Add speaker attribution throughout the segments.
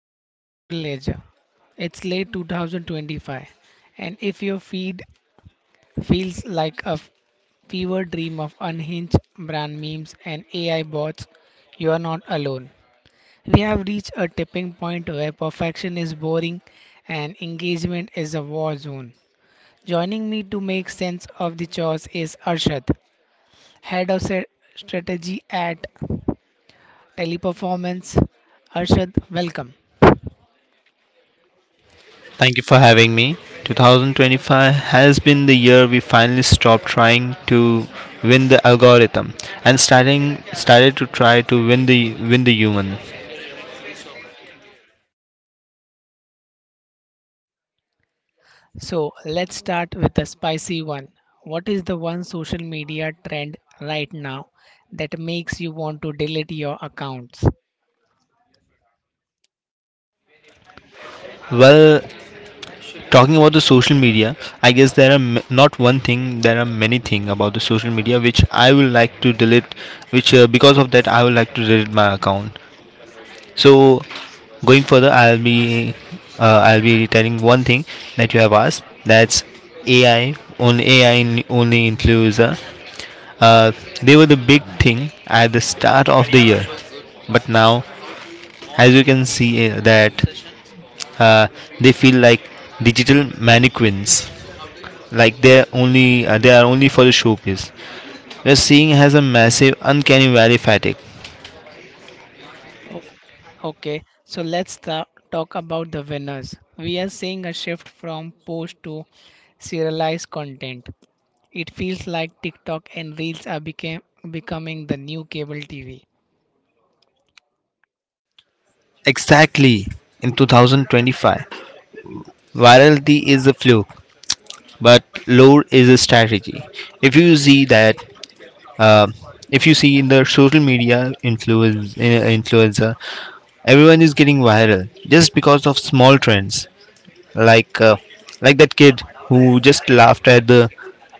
Speaker 1: back to the Social Ledger. It's late 2025, and if your feed feels like a fever dream of unhinged brand memes and AI bots, you are not alone. We have reached a tipping point where perfection is boring and engagement is a war zone. Joining me to make sense of the chores is Arshad, head of strategy at Teleperformance. Arshad, welcome.
Speaker 2: Thank you for having me. 2025 has been the year we finally stopped trying to win the algorithm and starting started to try to win the human.
Speaker 1: So let's start with the spicy one. What is the one social media trend right now that makes you want to delete your accounts?
Speaker 2: Well, talking about the social media, I guess there are not one thing, there are many things about the social media which I will like to delete which because of that I will like to delete my account. So going further, I'll be telling one thing that you have asked. That's AI. On AI in- only includes. Uh, they were the big thing at the start of the year, but now, as you can see, that uh, they feel like digital mannequins. Like they are only for the showpiece. We're seeing has a massive uncanny valley fatigue.
Speaker 1: O- Okay, so let's talk about the winners. We are seeing a shift from post to serialized content. It feels like TikTok and Reels are becoming the new cable TV.
Speaker 2: Exactly in 2025, virality is a fluke, but lore is a strategy. If you see that, uh, if you see in the social media influencer, everyone is getting viral just because of small trends, like uh, like that kid who just laughed at the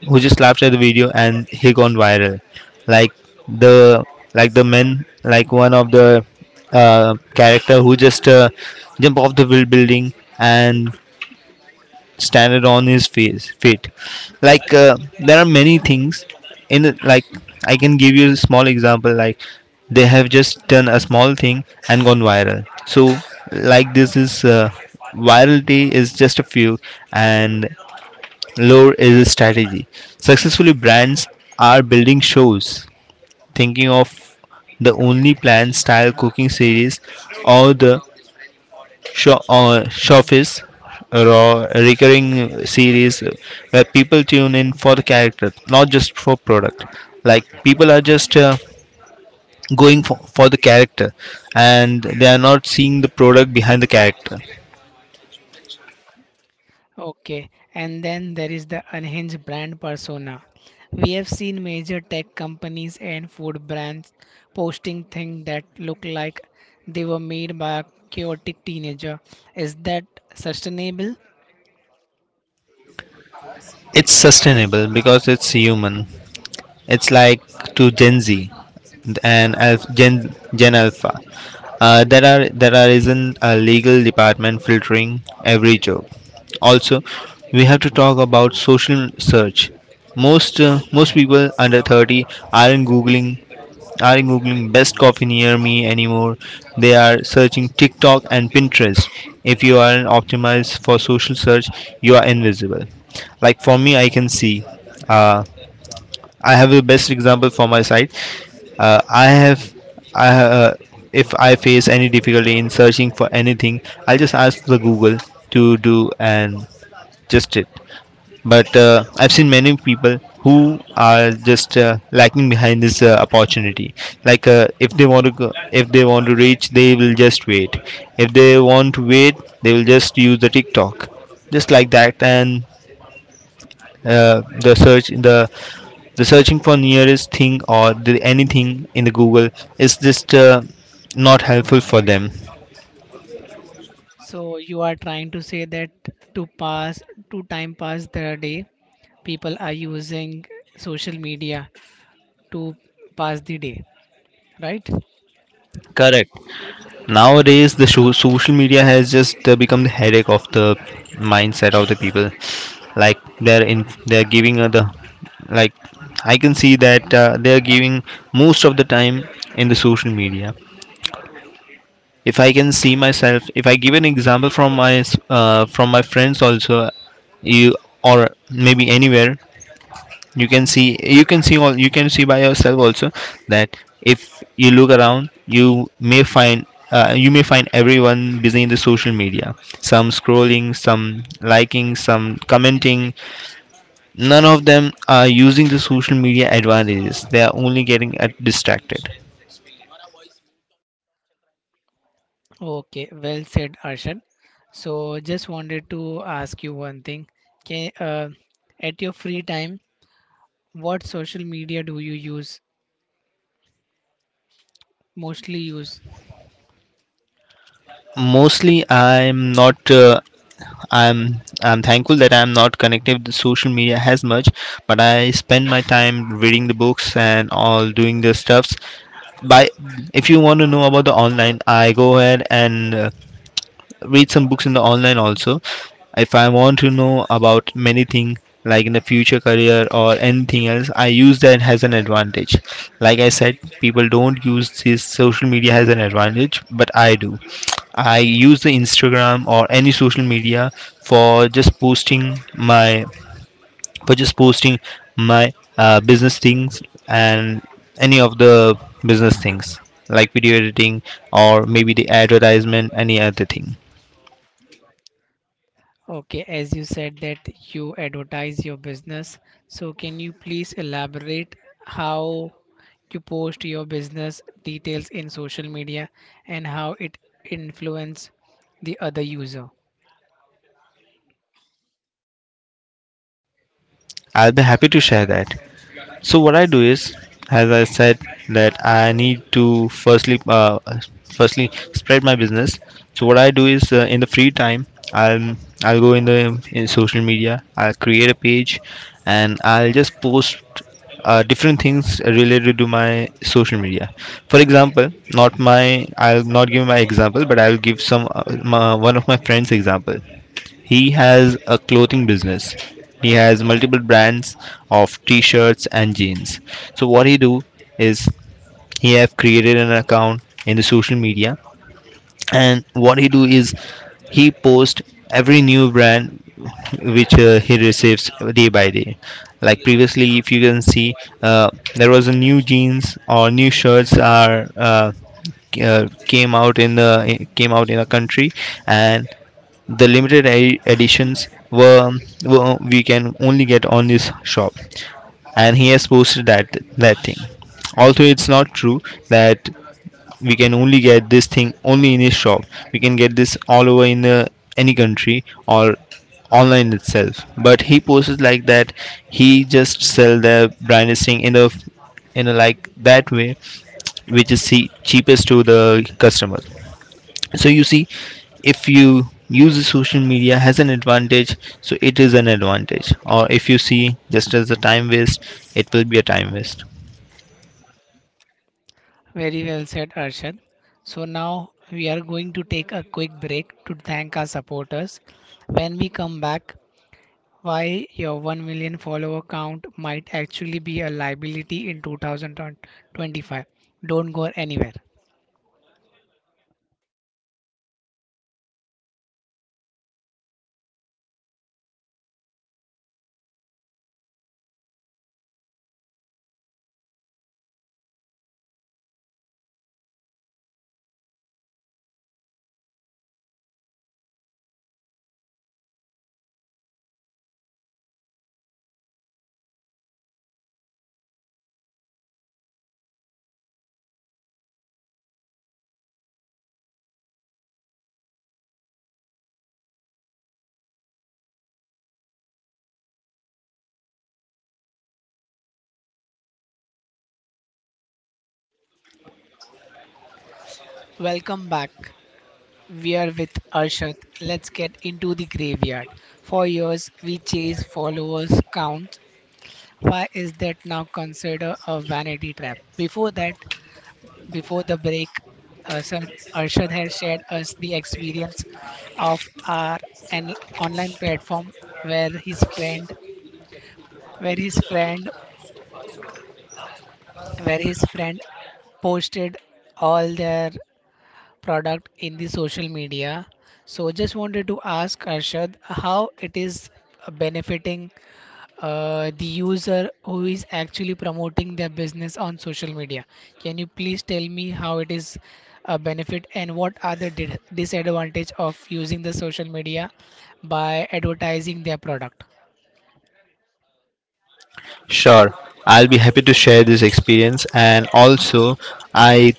Speaker 2: video and he gone viral. Like the the men, like one of the character who just jump off the buil- building and standard on his face fate. Like there are many things in the, like I can give you a small example, like they have just done a small thing and gone viral. So like this is virality is just a few and lore is a strategy. Successfully brands are building shows, thinking of the only plan style cooking series or the showbiz, a raw recurring series where people tune in for the character, not just for product. Like people are just going for the character, and they are not seeing the product behind the character.
Speaker 1: Okay, and then there is the unhinged brand persona. We have seen major tech companies and food brands posting things that look like they were made by a chaotic teenager. Is that sustainable?
Speaker 2: It's sustainable because it's human. It's like to Gen Z and Alpha, Gen Alpha. There are isn't a legal department filtering every job. Also, we have to talk about social search. Most most people under 30 aren't googling aren't googling best coffee near me anymore. They are searching TikTok and Pinterest. If you aren't optimized for social search, you are invisible. Like for me, I can see. uh, I have the best example for my site. I have, I ha- If I face any difficulty in searching for anything, I'll just ask the Google to do and just it. But I've seen many people who are just lacking behind this opportunity. If they want to, go, if they want to reach, they will just wait. If they want to wait, they will just use the TikTok, just like that. And the search, the searching for nearest thing or the anything in the google is just not helpful for them.
Speaker 1: So you are trying to say that to time pass the day, people are using social media to pass the day, right?
Speaker 2: Correct. Nowadays the social media has just become the headache of the mindset of the people. Like they're giving the, like I can see that they're giving most of the time in the social media. If I can see myself, if I give an example from from my friends also, you or maybe anywhere, you can see, you can see all you can see by yourself also that if you look around you may find everyone busy in the social media, some scrolling, some liking, some commenting. None of them are using the social media advantages, they are only getting distracted.
Speaker 1: Okay, well said, Arshad. So, just wanted to ask you one thing. Can, at your free time, what social media do you use? Mostly use.
Speaker 2: Mostly i'm not uh, I'm thankful that I'm not connected with social media as much, but I spend my time reading the books and all doing the stuffs. By if you want to know about the online, I go ahead and read some books in the online also. If I want to know about many things like in the future career or anything else, I use that as an advantage. Like I said, people don't use this social media as an advantage, but I do. I use the Instagram or any social media for just posting my for just posting business things and any of the business things like video editing or maybe the advertisement any other thing.
Speaker 1: Okay, as you said that you advertise your business. So, can you please elaborate how you post your business details in social media and how it influence the other user?
Speaker 2: I'll be happy to share that. So what I do is, as I said, that I need to firstly spread my business. So what I do is, in the free time, I'll I'll go in the in social media. I'll create a page, and I'll just post different things related to my social media. For example, not my I'll not give my example, but I'll give some one of my friends example. He has a clothing business. He has multiple brands of t-shirts and jeans. So what he do is he have created an account in the social media, and what he do is he post every new brand which he receives day by day. Like previously if you can see, uh, there was a new jeans or new shirts are came out in a country, and the editions were we can only get on this shop, and he has posted that that thing, although it's not true that we can only get this thing only in his shop. We can get this all over in the, any country or online itself, but he posted like that. He just sell the branded thing in a like that way, which is see, cheapest to the customer. So you see, if you use the social media has an advantage, so it is an advantage. Or if you see just as a time waste, it will be a time waste.
Speaker 1: Very well said, Arshad. So now we are going to take a quick break to thank our supporters. When we come back, why your 1 million follower count might actually be a liability in 2025. Don't go anywhere. Welcome back. We are with Arshad. Let's get into the graveyard. For years, we chase followers count. Why is that now considered a vanity trap? Before that, before the break, Arshad, Arshad had shared us the experience of our an online platform where his friend, where his friend, where his friend posted all their product in the social media. So just wanted to ask Arshad how it is benefiting the user who is actually promoting their business on social media. Can you please tell me how it is a benefit and what are the disadvantage of using the social media by advertising their product?
Speaker 2: Sure, I'll be happy to share this experience, and also i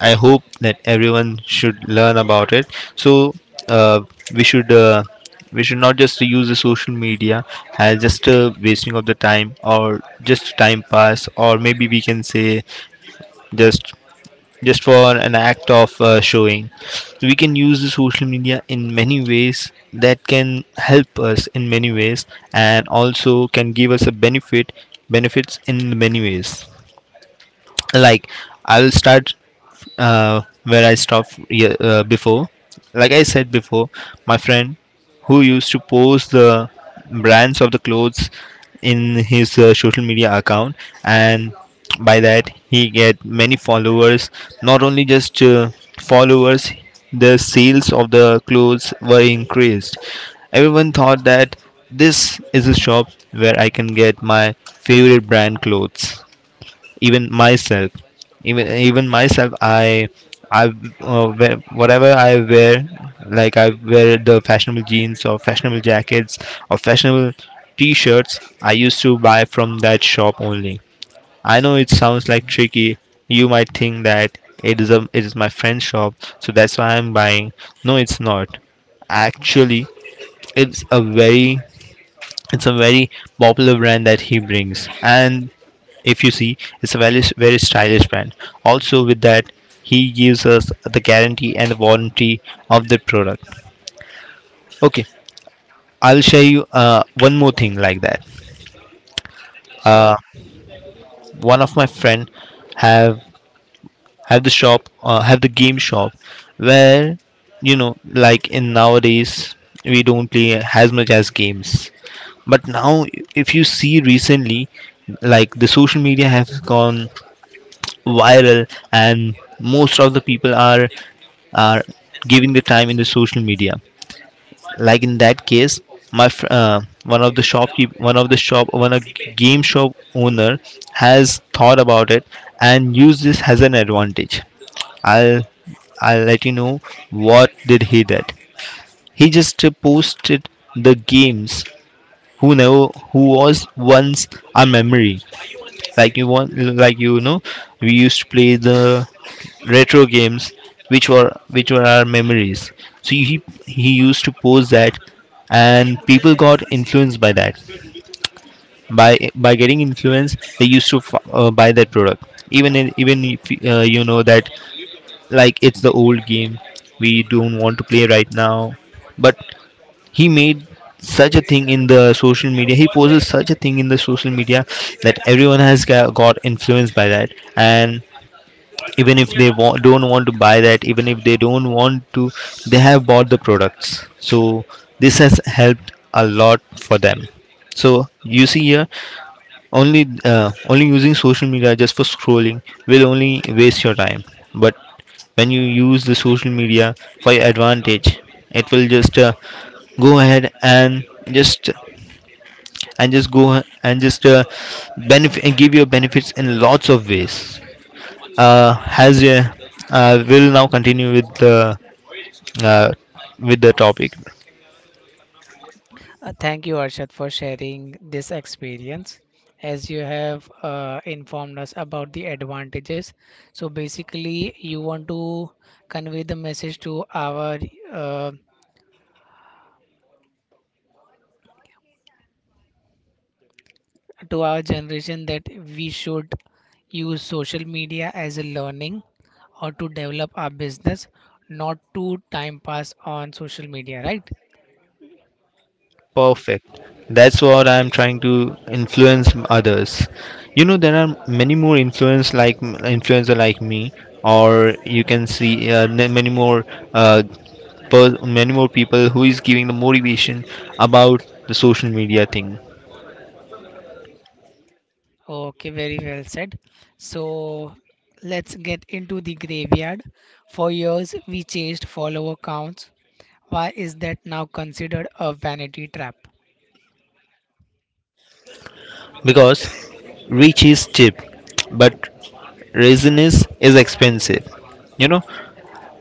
Speaker 2: I hope that everyone should learn about it. So uh, we should uh, we should not just use the social media as just a wasting of the time or just time pass, or maybe we can say just for an act of showing. We can use the social media in many ways that can help us in many ways, and also can give us a benefits in many ways. Like I'll start where I stopped ye- before. Like I said before, my friend who used to post the brands of the clothes in his social media account, and by that he get many followers. Not only just followers, the sales of the clothes were increased. Everyone thought that this is a shop where I can get my favorite brand clothes. Even myself, even even myself, I, I wear, whatever I wear, like I wear the fashionable jeans or fashionable jackets or fashionable t-shirts, I used to buy from that shop only. I know it sounds like tricky. You might think that it is my friend's shop, so that's why I'm buying. No, it's not actually. It's a very it's a very popular brand that he brings. And if you see, it's a very very stylish brand. Also with that, he gives us the guarantee and the warranty of the product. Okay, I'll share you one more thing like that.
Speaker 1: Sure.
Speaker 2: One of my friend have have the shop have the game shop where, you know, like in nowadays we don't play as much as games. But now if you see recently, like the social media has gone viral, and most of the people are giving the time in the social media. Like in that case, my fr- one of the shopkeep one of the shop one of game shop owner has thought about it and used this as an advantage. i'll I'll let you know what did he did. He just posted the games who never who was, once a memory. Like you want, like you know, we used to play the retro games which were our memories. So he used to post that, and people got influenced by that. By getting influenced, they used to buy that product. Even in, even if you know that, like it's the old game, we don't want to play right now. But he made such a thing in the social media, he poses such a thing in the social media that everyone has got influenced by that. And even if they don't want to buy that, even if they don't want to, they have bought the products. So this has helped a lot for them. So you see here, only only using social media just for scrolling will only waste your time. But when you use the social media for your advantage, it will just go ahead and just and just go ahe- and just uh, benefit and Give your benefits in lots of ways. Has Will now continue uh, with the topic.
Speaker 1: Thank you, Arshad, for sharing this experience. As you have informed us about the advantages, so basically you want to convey the message uh, to our generation that we should use social media as a learning or to develop our business, not to time pass on social media, right?
Speaker 2: Perfect. That's what I'm trying to influence others. You know, there are many more influence like influencer like me, or you can see many more uh, many more people who is giving the motivation about the social media thing.
Speaker 1: Okay, very well said. So let's get into the graveyard. For years, we chased follower counts. Why is that now considered a vanity trap?
Speaker 2: Because reach is cheap, but reason is expensive. You know,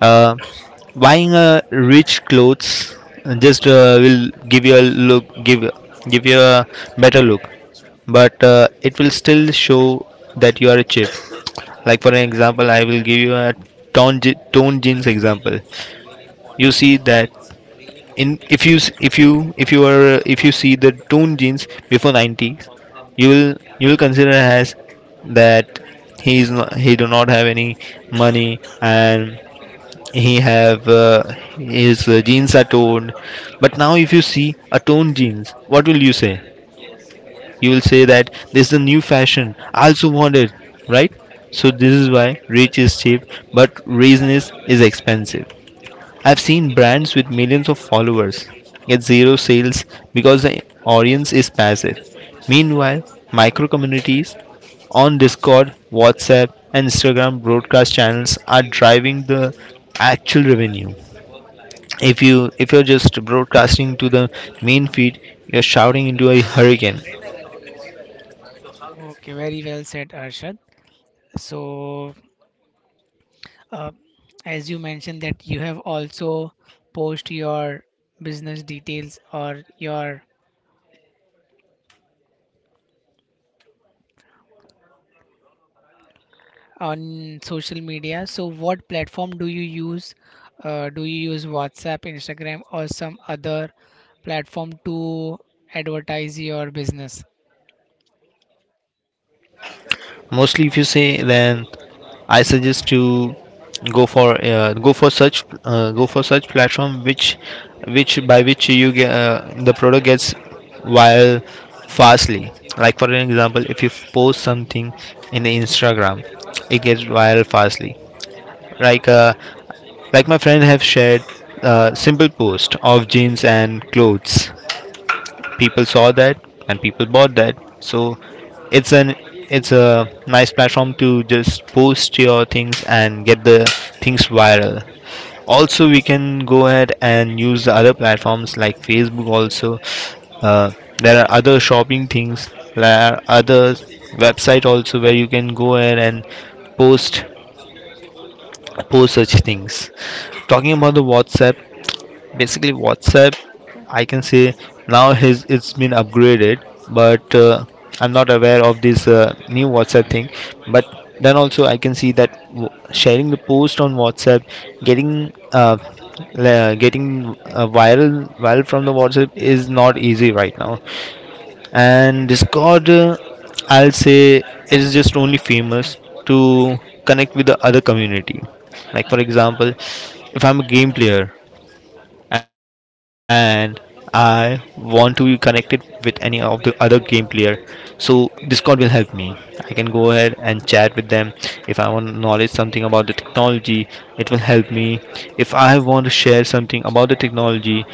Speaker 2: uh, buying rich clothes just will give you a look give give you a better look, but it will still show that you are cheap. Like for an example, I will give you a tone jeans example. You see that, in if you s- if you are if you see the tone jeans before 90s, you will consider as that he is not, he do not have any money, and he have his jeans are torn. But now if you see a torn jeans, what will you say? You will say that this is a new fashion, I also want it, right? So this is why rich is cheap, but reasonless is expensive. I've seen brands with millions of followers get zero sales because the audience is passive. Meanwhile, micro communities on Discord, WhatsApp, and Instagram broadcast channels are driving the actual revenue. If you're just broadcasting to the main feed, you're shouting into a hurricane.
Speaker 1: Okay, very well said, Arshad. So, uh, as you mentioned that you have also post your business details or your on social media. So, what platform do you use? Do you use WhatsApp, Instagram, or some other platform to advertise your business?
Speaker 2: Mostly if you say, then I suggest to go for such platform which by which you get the product gets viral fastly. Like for an example, if you post something in the Instagram, it gets viral fastly. like uh, like my friend have shared a simple post of jeans and clothes, people saw that, and people bought that. So it's an it's a nice platform to just post your things and get the things viral. Also, we can go ahead and use the other platforms like Facebook also. uh, there are other shopping things, there are other website also where you can go ahead and post post such things. Talking about the WhatsApp, basically WhatsApp, I can say, now has it's been upgraded, but I'm not aware of this new WhatsApp thing. But then also I can see that, w- sharing the post on WhatsApp, getting uh, getting uh, viral viral from the WhatsApp is not easy right now. And Discord, I'll say it is just only famous to connect with the other community. Like for example, if I'm a game player, and I want to be connected with any of the other game player, so Discord will help me. I can go ahead and chat with them. If I want to knowledge something about the technology, it will help me. If I want to share something about the technology,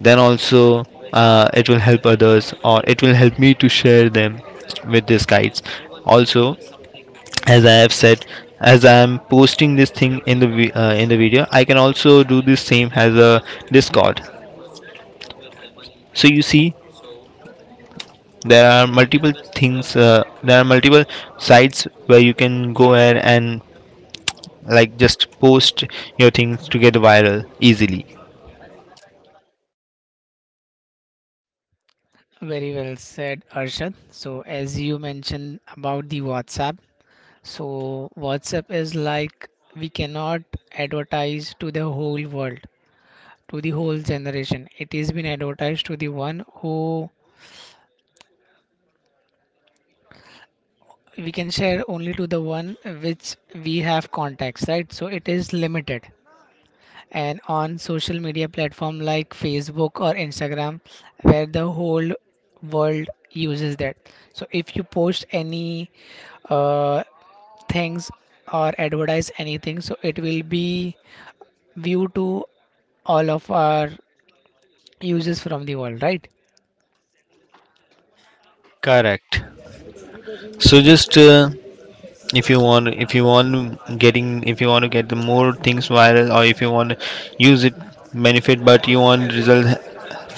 Speaker 2: then also it will help others, or it will help me to share them with these guides. Also, as I have said, as I am posting this thing in the in the video, I can also do the same as a Discord. So you see, there are multiple sites where you can go ahead and like just post your things to get viral easily.
Speaker 1: Very well said, Arshad. So, as you mentioned about the WhatsApp, so WhatsApp is like we cannot advertise to the whole world, to the whole generation. It is been advertised to the one who we can share only to the one which we have contacts, right? So, it is limited. And on social media platform like Facebook or Instagram where the whole world uses that, so if you post any uh, things or advertise anything, so it will be viewed to all of our users from the world, right?
Speaker 2: Correct. So just if you want getting if you want to get the more things viral, or if you want to use it benefit but you want result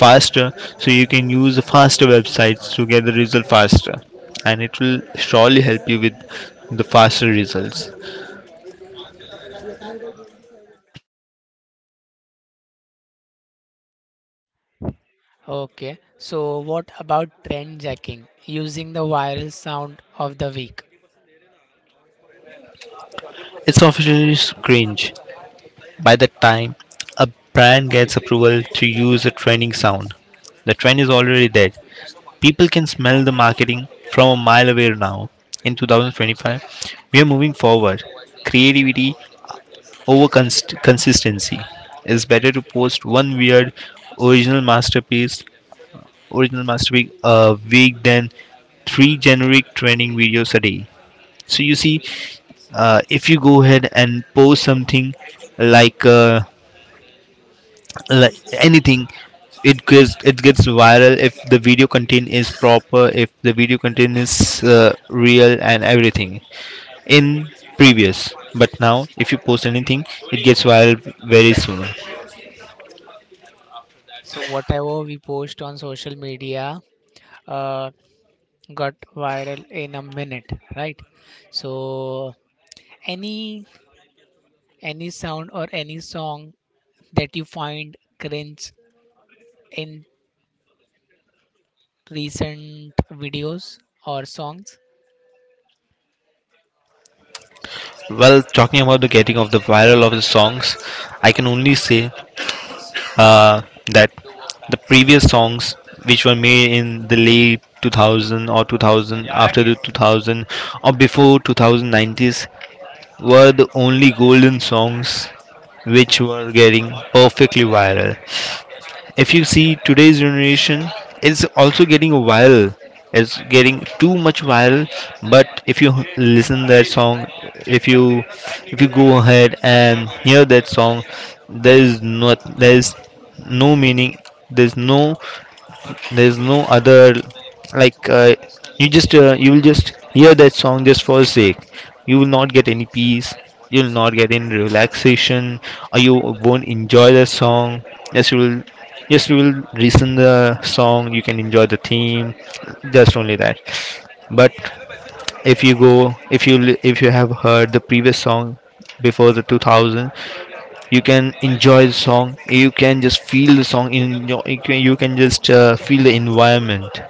Speaker 2: faster, so you can use faster websites to get the result faster, and it will surely help you with the faster results.
Speaker 1: Okay, so what about trend jacking using the viral sound of the week?
Speaker 2: It's officially cringe. By the time a brand gets approval to use a trending sound, the trend is already dead. People can smell the marketing from a mile away now. In 2025, we are moving forward. Creativity over consistency. It's better to post one weird original masterpiece, original masterpiece a week than three generic training videos a day. So you see, if you go ahead and post something like uh, like anything, it gets viral. If the video content is proper, if the video content is real and everything in previous. But now if you post anything, it gets viral very soon.
Speaker 1: So whatever we post on social media uh, got viral in a minute, right? So any any sound or any song that you find cringe in recent videos or songs?
Speaker 2: Well, talking about the getting of the viral of the songs, I can only say uh, that the previous songs which were made in the late 2000, or 2000, after the 2000 or before 2090s, were the only golden songs which were getting perfectly viral. If you see, today's generation is also getting viral, it's getting too much viral. But if you listen that song, if you if you go ahead and hear that song, there is no meaning, there's no there's no other, like, you will just hear that song just for sake. You will not get any peace, you will not get any relaxation, or you won't enjoy the song. Yes, you will, yes, you will listen the song, you can enjoy the theme, just only that. But if you go if you li- if you have heard the previous song before the 2000, you can enjoy the song, you can just feel the song in your, you can just feel the environment.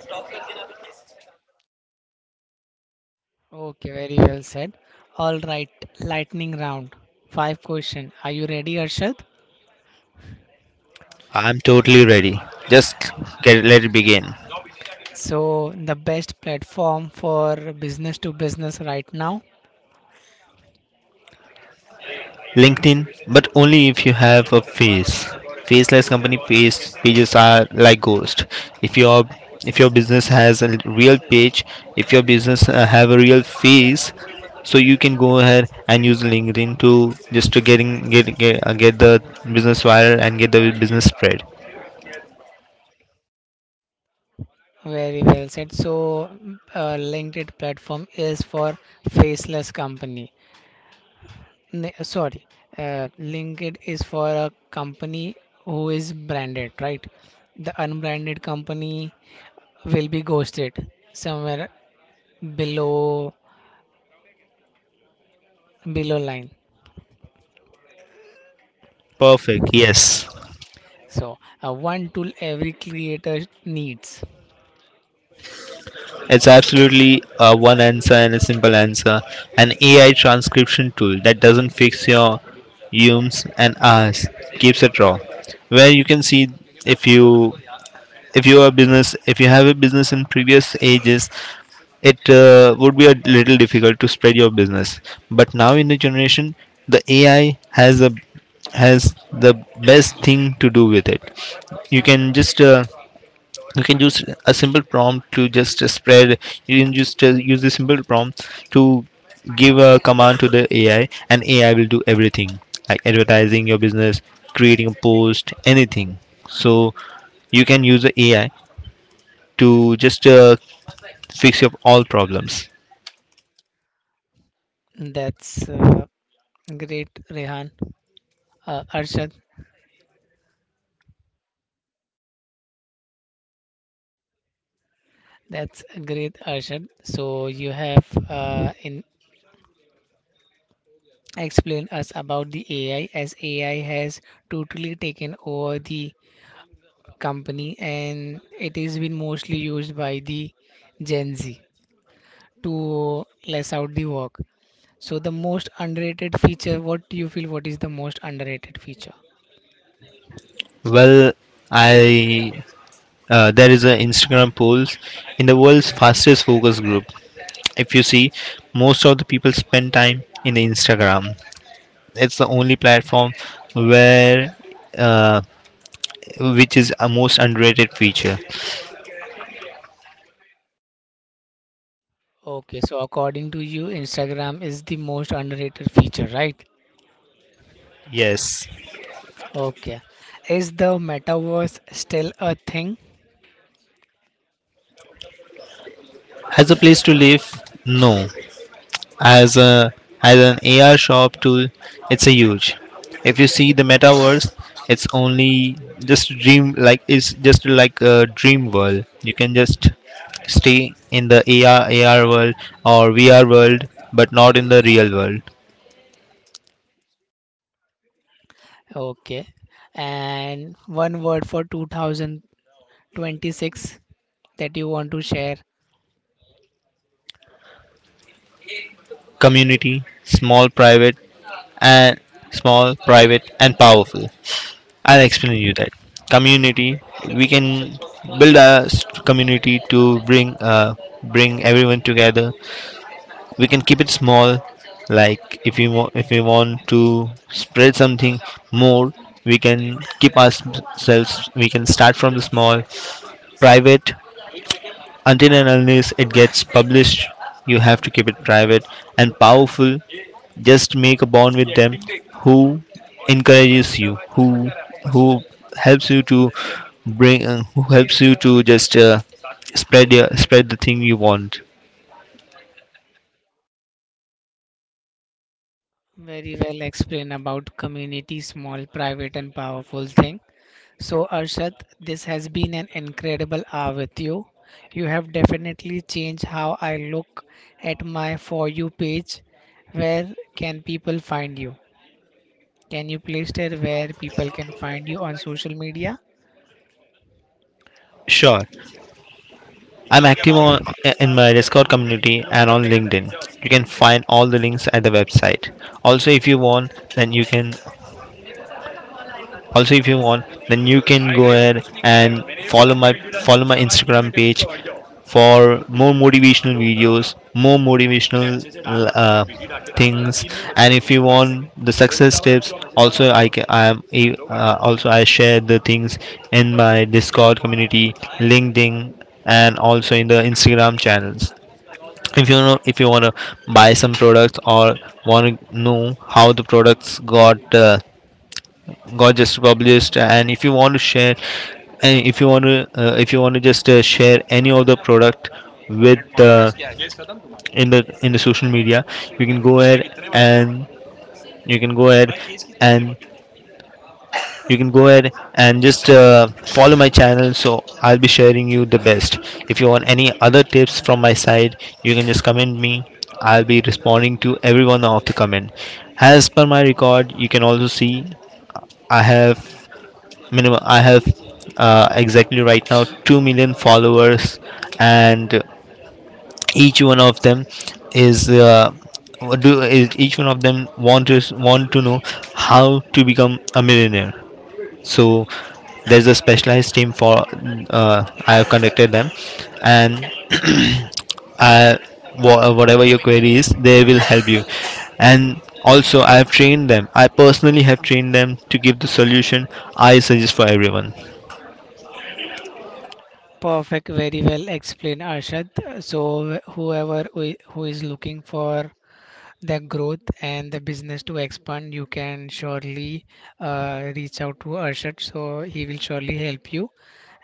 Speaker 1: Okay, very well said. All right, lightning round. Five question. Are you ready, Arshad?
Speaker 2: I'm totally ready, just get let it begin.
Speaker 1: So the best platform for business to business right now.
Speaker 2: LinkedIn, but only if you have a face. Faceless company pages are like ghost. If your, if your business has a real page, if your business have a real face, so you can go ahead and use LinkedIn to just to get the business viral and get the business spread.
Speaker 1: Very well said. So, LinkedIn platform is for faceless company. Sorry, linked is for a company who is branded, right? The unbranded company will be ghosted somewhere below below line.
Speaker 2: Perfect, yes.
Speaker 1: So one tool every creator needs.
Speaker 2: It's absolutely one answer and a simple answer. An AI transcription tool that doesn't fix your ums and ahs, keeps it raw. Where you can see, if you if you are business, if you have a business in previous ages, it would be a little difficult to spread your business. But now in the generation, the AI has the best thing to do with it. You can just you can use a simple prompt to just spread, you can just use the simple prompt to give a command to the AI, and AI will do everything, like advertising your business, creating a post, anything. So you can use the AI to just fix up all problems.
Speaker 1: That's great rehan arshad that's Great, Arshad. So you have in explained us about the AI, as AI has totally taken over the company and it is been mostly used by the Gen Z to less out the work. So the most underrated feature, what do you feel, what is the most underrated feature?
Speaker 2: Well, I, there is an Instagram poll, in the world's fastest focus group. If you see, most of the people spend time in the Instagram. It's the only platform where, uh, which is a most underrated feature.
Speaker 1: Okay, so according to you, Instagram is the most underrated feature, right?
Speaker 2: Yes.
Speaker 1: Okay. Is the metaverse still a thing?
Speaker 2: As a place to live, no. As a as an AR shop tool, it's a huge. If you see the metaverse, it's only just a dream, like it's just like a dream world. You can just stay in the AR world or VR world, but not in the real world.
Speaker 1: Okay. And one word for 2026 that you want to share.
Speaker 2: Community, and small, private, and powerful. I'll explain you that. Community, we can build a community to bring bring everyone together. We can keep it small, if we want to spread something more, we can keep ourselves. We can start from the small, private, until and unless it gets published, you have to keep it private. And powerful, just make a bond with them who encourages you, who helps you to bring who helps you to just spread your spread the thing you want.
Speaker 1: Very well explained about community, small, private, and powerful thing. So, Arshad, this has been an incredible hour with you. You have definitely changed how I look at my For You page. Where can people find you? Can you please tell where people can find you on social media?
Speaker 2: Sure, I'm active on in my Discord community and on LinkedIn. You can find all the links at the website. Also, if you want, then you can, also if you want, then you can go ahead and follow my follow my Instagram page for more motivational videos, more motivational uh, things. And if you want the success tips also, I ca- I am a- also I share the things in my Discord community, LinkedIn, and also in the Instagram channels. If you know, if you want to buy some products, or want to know how the products got just published, and if you want to share, and if you want to if you want to just share any of the product with in the social media, you can go ahead and, you can go ahead and you can go ahead and just follow my channel. So I'll be sharing you the best. If you want any other tips from my side, you can just comment me. I'll be responding to every one of the comment. As per my record, you can also see, i have I have exactly right now 2 million followers. And each one of them is do is each one of them want to know how to become a millionaire. So there's a specialized team for, uh, I have contacted them, and I, whatever your query is, they will help you. And also I have trained them, I personally have trained them to give the solution. I suggest for everyone.
Speaker 1: Perfect, very well explained, Arshad. So, whoever who is looking for the growth and the business to expand, you can surely reach out to Arshad. So he will surely help you.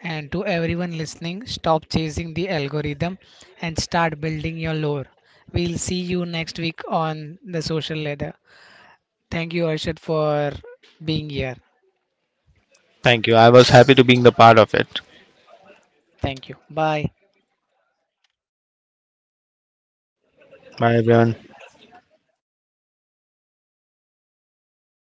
Speaker 1: And to everyone listening, stop chasing the algorithm and start building your lore. We'll see you next week on the social ladder. Thank you, Arshad, for being here.
Speaker 2: Thank you, I was happy to being the part of it.
Speaker 1: Thank you. Bye.
Speaker 2: Bye everyone.